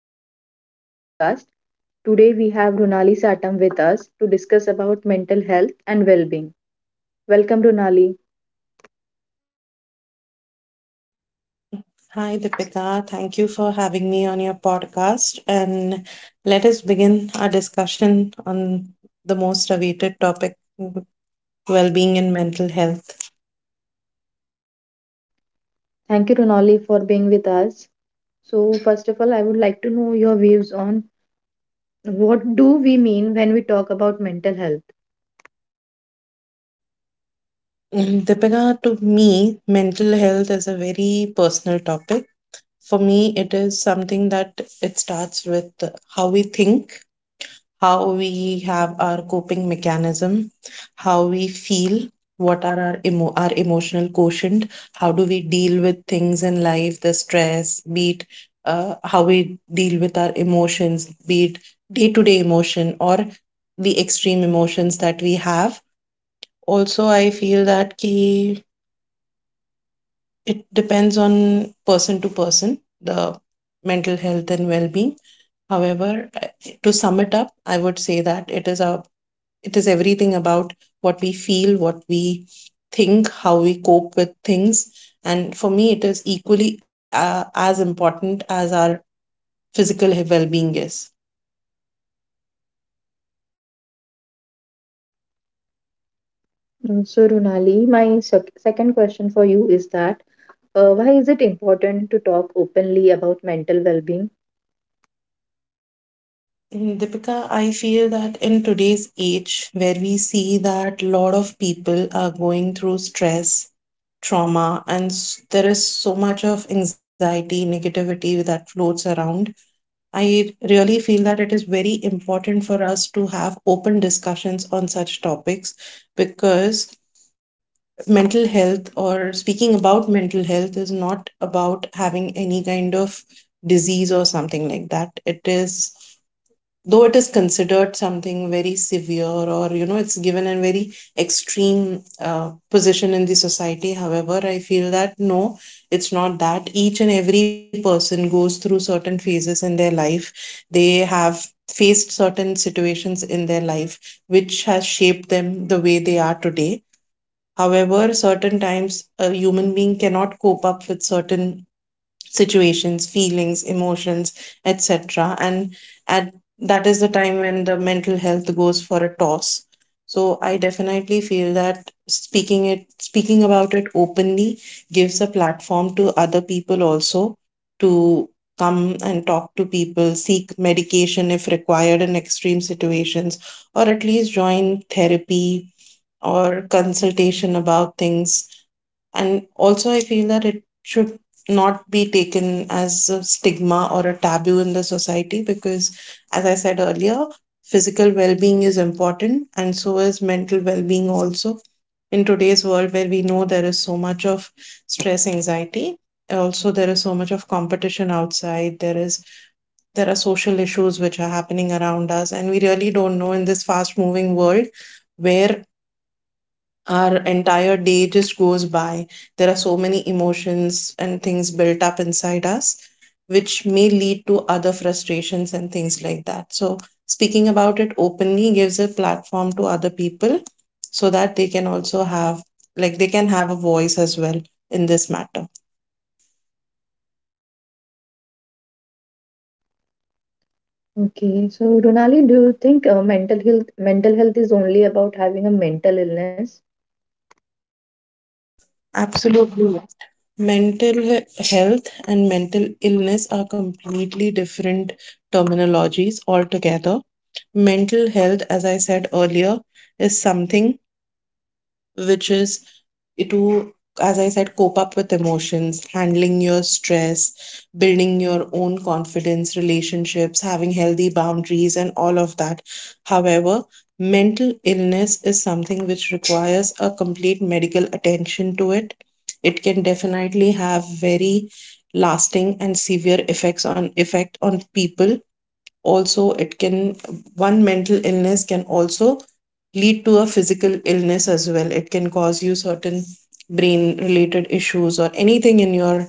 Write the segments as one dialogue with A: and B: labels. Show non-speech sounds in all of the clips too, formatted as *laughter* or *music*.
A: Welcome to Deepika's podcast. Today we have Runali Satam with us to discuss about mental health and well-being. Welcome, Runali.
B: Hi, Deepika. Thank you for having me on your podcast. And let us begin our discussion on the most awaited topic well being and mental health.
A: Thank you, Runali, for being with us. So, first of all, I would like to know your views on what do we mean when we talk about mental health.
B: Deepika, to me, mental health is a very personal topic. For me, it is something that it starts with how we think, how we have our coping mechanism, how we feel, what are our emotional quotient, how do we deal with things in life, the stress, be it how we deal with our emotions, be it day to day emotion or the extreme emotions that we have. Also, I feel that ki, it depends on person to person, the mental health and well being. However, I- to sum it up, I would say that it is everything about what we feel, what we think, how we cope with things. And for me, it is equally as important as our physical well being is.
A: So, Runali, my second question for you is that why is it important to talk openly about mental well-being?
B: Deepika, I feel that in today's age, where we see that a lot of people are going through stress, trauma, there is so much of anxiety, negativity that floats around, I really feel that it is very important for us to have open discussions on such topics because mental health or speaking about mental health is not about having any kind of disease or something like that. It is, though it is considered something very severe, or you know it's given a very extreme position in the society. However, I feel that no, it's not that. Each and every person goes through certain phases in their life. They have faced certain situations in their life which has shaped them the way they are today. However, certain times a human being cannot cope up with certain situations, feelings, emotions, etc. And at That is the time when the mental health goes for a toss. So I definitely feel that speaking about it openly gives a platform to other people also to come and talk to people, seek medication if required in extreme situations, or at least join therapy or consultation about things. And also, I feel that it should not be taken as a stigma or a taboo in the society because, as I said earlier, physical well being is important and so is mental well being also. In today's world, where we know there is so much of stress, anxiety, also there is so much of competition outside, there are social issues which are happening around us and we really don't know, in this fast moving world where our entire day just goes by. There are so many emotions and things built up inside us, which may lead to other frustrations and things like that. So, speaking about it openly gives a platform to other people so that they can also have, like, they can have a voice as well in this matter.
A: Okay, so Runali, do you think mental health is only about having a mental illness?
B: Absolutely. Mental health and mental illness are completely different terminologies altogether. Mental health, as I said earlier, is something which is to, as I said, cope up with emotions, handling your stress, building your own confidence, relationships, having healthy boundaries, and all of that. However, mental illness is something which requires a complete medical attention to it. It can definitely have very lasting and severe effect on people. Also, it can, one mental illness can also lead to a physical illness as well. It can cause you certain brain related issues or anything in your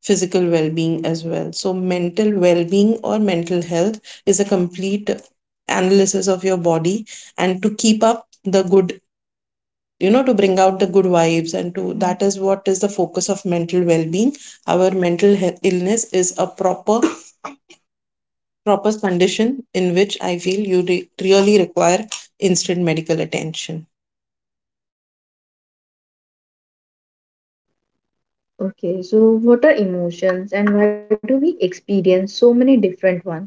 B: physical well-being as well. So mental well-being or mental health is a complete analysis of your body, and to keep up the good, you know, to bring out the good vibes, and to that is what is the focus of mental well-being. Our mental illness is a proper condition in which I feel you really require instant medical attention.
A: Okay, so what are emotions and why do we experience so many different ones?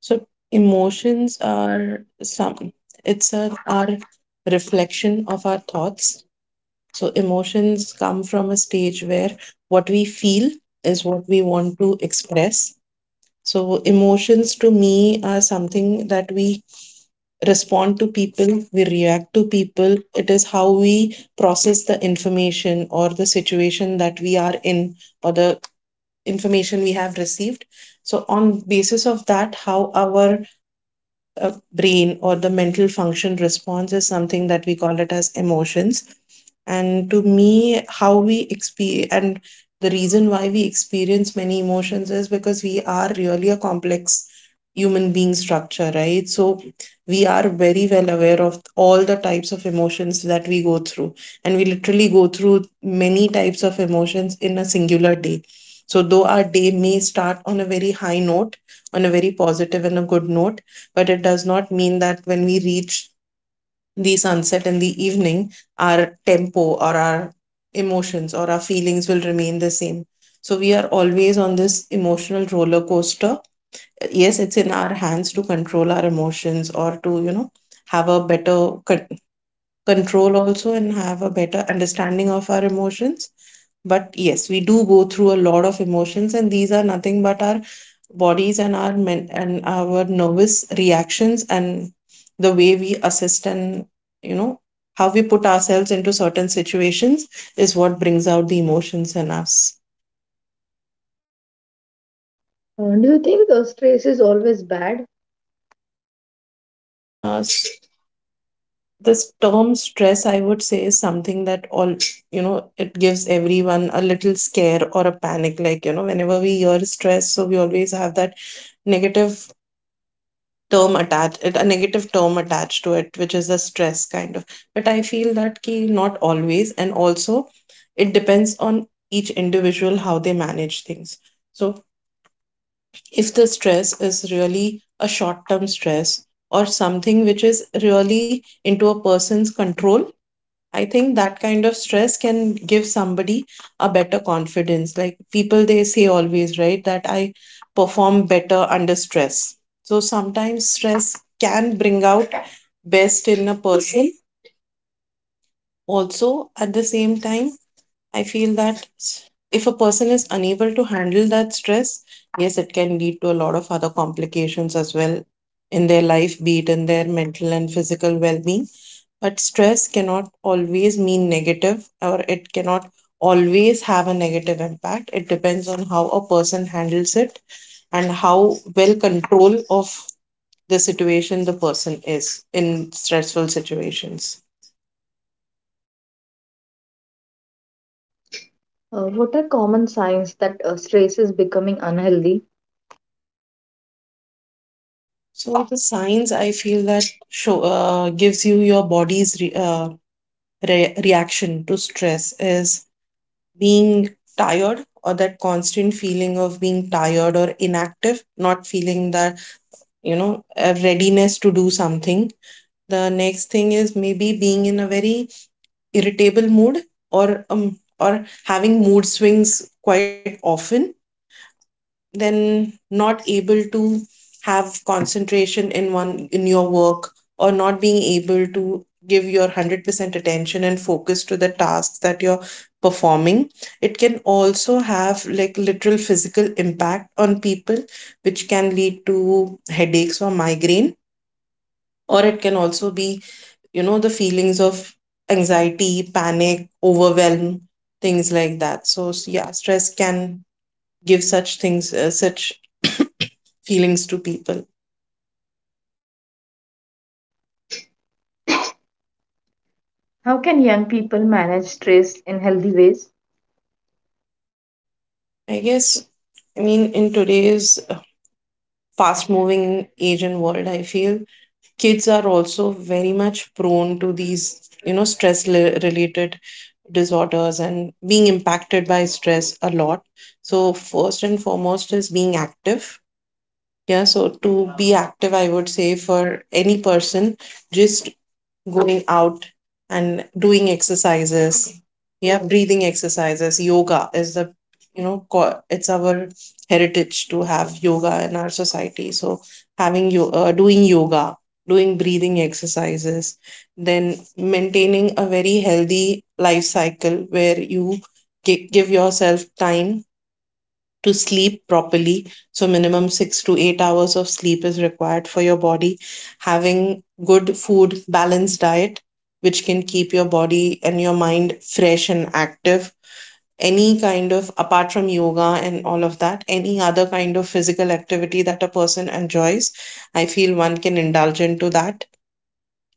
B: So emotions are some it's a our reflection of our thoughts. So emotions come from a stage where what we feel is what we want to express. So emotions to me are something that we respond to people, we react to people. It is how we process the information or the situation that we are in, or the information we have received. So on basis of that, how our brain or the mental function response is something that we call it as emotions. And to me, how we experience, and the reason why we experience many emotions is because we are really a complex human being structure, right? So we are very well aware of all the types of emotions that we go through, and we literally go through many types of emotions in a singular day. So though our day may start on a very high note, on a very positive and a good note, but it does not mean that when we reach the sunset in the evening, our tempo or our emotions or our feelings will remain the same. So we are always on this emotional roller coaster. Yes, it's in our hands to control our emotions or to, you know, have a better control also and have a better understanding of our emotions. But yes, we do go through a lot of emotions, and these are nothing but our bodies and our nervous reactions, and the way we assist and, you know, how we put ourselves into certain situations is what brings out the emotions in us.
A: Do you think stress is always bad?
B: Uh, this term stress I would say is something that all, you know, it gives everyone a little scare or a panic, like, you know, whenever we hear stress, so we always have that negative term attached a negative term attached to it, which is the stress kind of. But I feel that key not always, and also it depends on each individual how they manage things. So if the stress is really a short term stress or something which is really into a person's control, I think that kind of stress can give somebody a better confidence. Like people, they say always, right, that I perform better under stress. So sometimes stress can bring out best in a person. Also, at the same time, I feel that if a person is unable to handle that stress, yes, it can lead to a lot of other complications as well in their life, be it in their mental and physical well being. But stress cannot always mean negative, or it cannot always have a negative impact. It depends on how a person handles it and how well control of the situation the person is in stressful situations.
A: What are common signs that stress is becoming unhealthy?
B: So the signs I feel that show gives you your body's reaction to stress is being tired, or that constant feeling of being tired or inactive, not feeling that, you know, a readiness to do something. The next thing is maybe being in a very irritable mood, or having mood swings quite often. Then not able to have concentration in one in your work, or not being able to give your 100% attention and focus to the tasks that you're performing. It can also have like literal physical impact on people, which can lead to headaches or migraine, or it can also be, you know, the feelings of anxiety, panic, overwhelm, things like that. So yeah, stress can give such things, such *coughs* feelings to people.
A: How can young people manage stress in healthy ways?
B: I guess, I mean, in today's fast moving age and world, I feel kids are also very much prone to these, you know, stress related disorders and being impacted by stress a lot. So, first and foremost is being active. Yeah, so to be active, I would say for any person, just going out and doing exercises. Yeah, breathing exercises. Yoga is the, you know, it's our heritage to have yoga in our society. So having you doing yoga, doing breathing exercises, then maintaining a very healthy life cycle where you give yourself time to sleep properly. So minimum 6 to 8 hours of sleep is required for your body. Having good food, balanced diet, which can keep your body and your mind fresh and active. Any kind of, apart from yoga and all of that, any other kind of physical activity that a person enjoys, I feel one can indulge into that.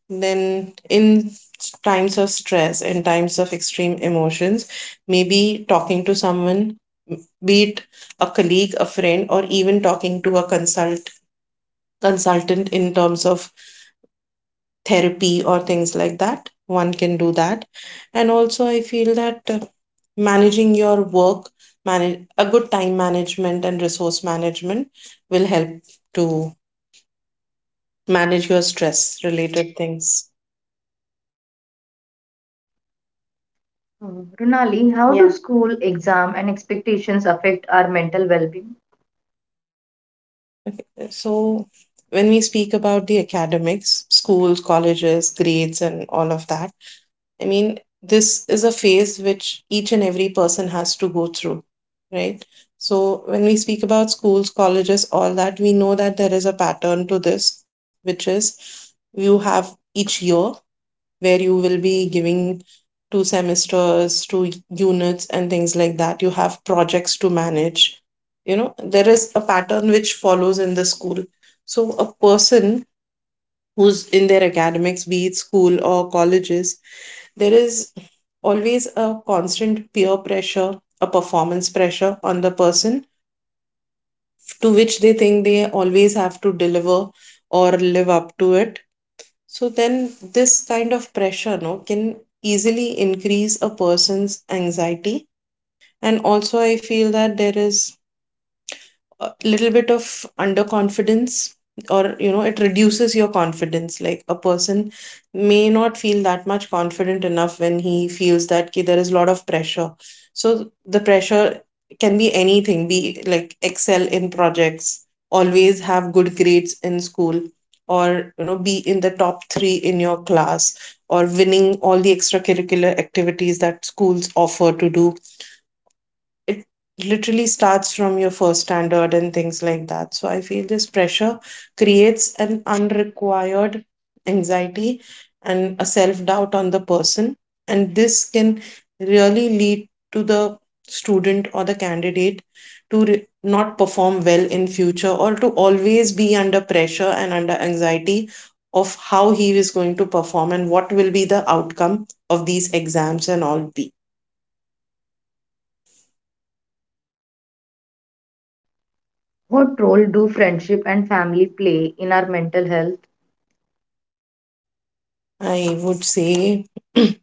B: Then in times of stress and times of extreme emotions, maybe talking to someone, be it a colleague, a friend, or even talking to a consultant in terms of therapy or things like that, one can do that. And also I feel that managing your work manage a good time management and resource management will help to manage your stress related things.
A: Runali, how do Yeah. school, exam, and expectations affect our mental well-being?
B: So, when we speak about the academics, schools, colleges, grades, and all of that, I mean, this is a phase which each and every person has to go through, right? So, when we speak about schools, colleges, all that, we know that there is a pattern to this, which is you have each year where you will be giving two semesters, two units, and things like that. You have projects to manage. There is a pattern which follows in the school. So, a person who's in their academics, be it school or colleges, there is always a constant peer pressure, a performance pressure on the person to which they think they always have to deliver or live up to it. So then this kind of pressure no can easily increase a person's anxiety. And also I feel that there is a little bit of underconfidence, or it reduces your confidence. Like a person may not feel that much confident enough when he feels that ki, there is a lot of pressure. So the pressure can be anything, be like excel in projects, always have good grades in school, or be in the top 3 in your class, or winning all the extracurricular activities that schools offer to do. It literally starts from your first standard and things like that. So I feel this pressure creates an unrequired anxiety and a self doubt on the person. And this can really lead to the student or the candidate to not perform well in future, or to always be under pressure and under anxiety of how he is going to perform and what will be the outcome of these exams and all be.
A: What role do friendship and family play in our mental health?
B: I would say, *clears throat*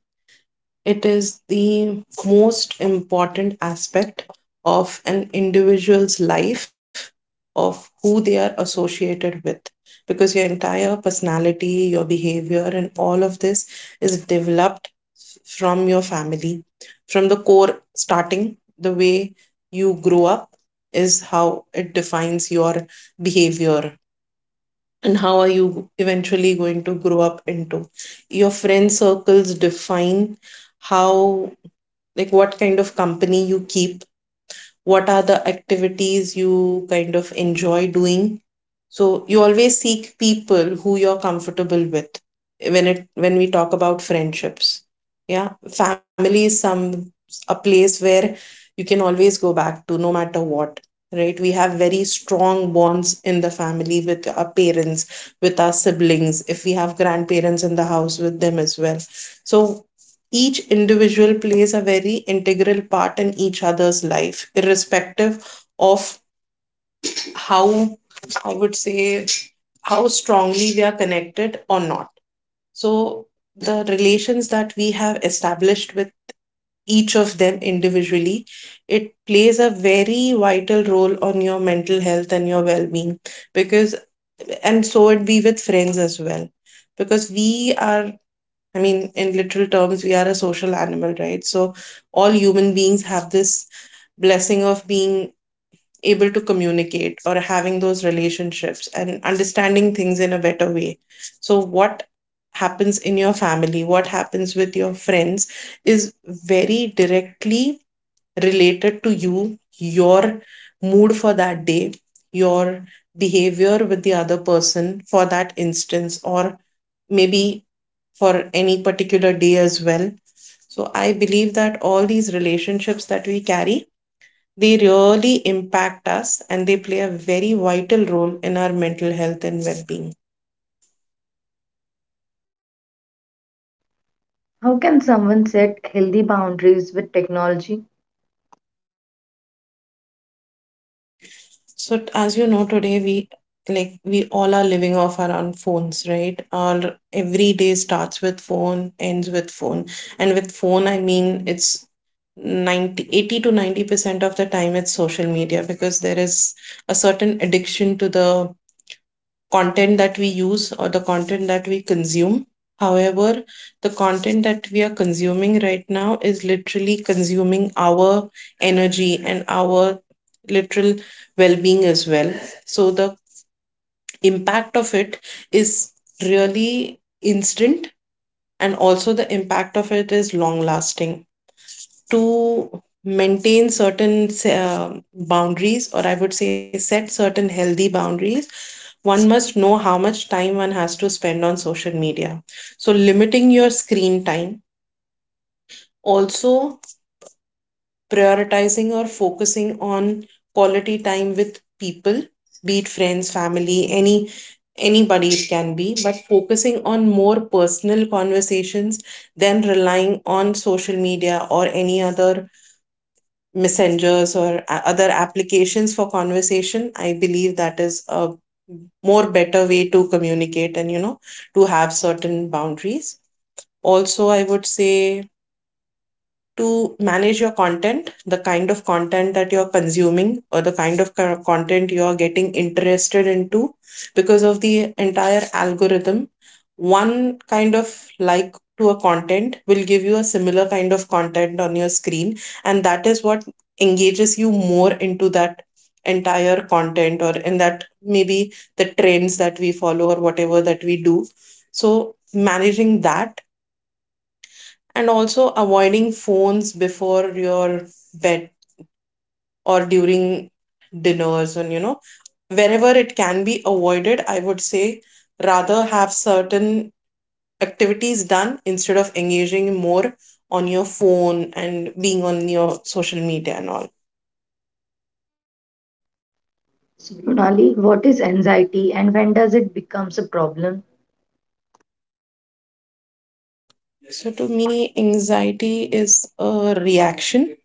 B: it is the most important aspect of an individual's life, of who they are associated with, because your entire personality, your behavior, and all of this is developed from your family. From the core starting, the way you grow up is how it defines your behavior and how are you eventually going to grow up into. Your friend circles define how, like what kind of company you keep, what are the activities you kind of enjoy doing. So you always seek people who you're comfortable with when we talk about friendships. Yeah, family is some a place where you can always go back to no matter what. Right, we have very strong bonds in the family with our parents, with our siblings. If we have grandparents in the house, with them as well. So each individual plays a very integral part in each other's life, irrespective of how, I would say, how strongly we are connected or not. So the relations that we have established with each of them individually, it plays a very vital role on your mental health and your well being. Because and so it be with friends as well. Because we are, I mean, in literal terms, we are a social animal, right? So, all human beings have this blessing of being able to communicate or having those relationships and understanding things in a better way. So, what happens in your family, what happens with your friends is very directly related to you, your mood for that day, your behavior with the other person for that instance, or maybe for any particular day as well. So I believe that all these relationships that we carry, they really impact us and they play a very vital role in our mental health and well-being.
A: How can someone set healthy boundaries with technology?
B: As you know today we, like we all are living off our own phones, right? Our every day starts with phone, ends with phone. And with phone I mean it's 90 80 to 90% of the time it's social media, because there is a certain addiction to the content that we use or the content that we consume. However, the content that we are consuming right now is literally consuming our energy and our literal well being as well. So, the impact of it is really instant, and also the impact of it is long lasting. To maintain certain boundaries, or I would say set certain healthy boundaries, one must know how much time one has to spend on social media. So, limiting your screen time, also prioritizing or focusing on quality time with people, be it friends, family, anybody it can be, but focusing on more personal conversations than relying on social media or any other messengers or other applications for conversation, I believe that is a more better way to communicate and to have certain boundaries. Also I would say to manage your content, the kind of content that you're consuming or the kind of content you're getting interested into because of the entire algorithm. One kind of like to a content will give you a similar kind of content on your screen, and that is what engages you more into that entire content or in that, maybe the trends that we follow or whatever that we do. So, managing that, and also avoiding phones before your bed or during dinners, and wherever it can be avoided, I would say rather have certain activities done instead of engaging more on your phone and being on your social media and all.
A: So, Ronali, what is anxiety and when does it becomes a problem?
B: So to me anxiety is a reaction,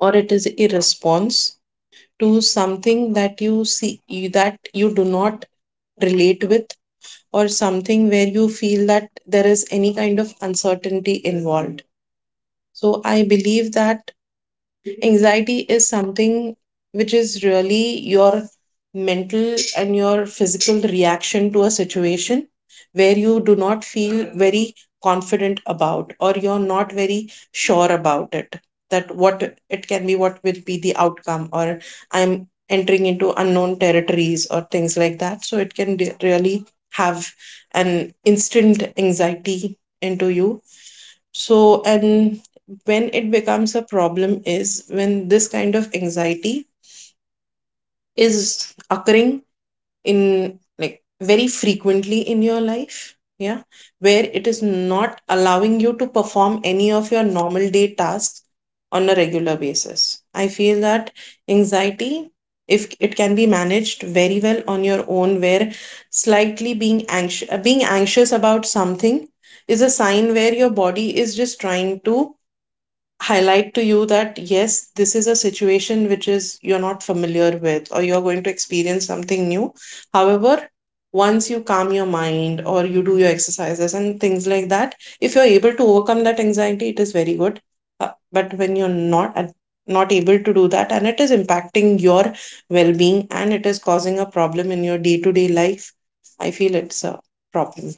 B: or it is a response to something that you see, that you do not relate with, or something where you feel that there is any kind of uncertainty involved. So I believe that anxiety is something which is really your mental and your physical reaction to a situation where you do not feel very confident about or you're not very sure about it, that what it can be, what will be the outcome, or I'm entering into unknown territories or things like that. So it can really have an instant anxiety into you. So, and when it becomes a problem is when this kind of anxiety is occurring in, like very frequently in your life, yeah, where it is not allowing you to perform any of your normal day tasks on a regular basis. I feel that anxiety, if it can be managed very well on your own, where slightly being anxious, about something is a sign where your body is just trying to highlight to you that yes, this is a situation which is you're not familiar with, or you're going to experience something new. However, once you calm your mind or you do your exercises and things like that, if you're able to overcome that anxiety, it is very good. But when you're not at- not able to do that and it is impacting your well-being and it is causing a problem in your day-to-day life, I feel it's a problem.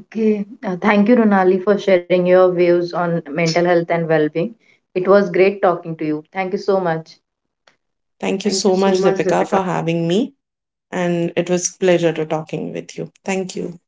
A: Okay, thank you, Ronali, for sharing your views on mental health and well-being. It was great talking to you. Thank you so much.
B: Thank you
A: Thank you
B: so
A: so
B: much,
A: much,
B: Deepika,
A: Deepika.
B: for having me. And it was pleasure to talking with you. Thank you.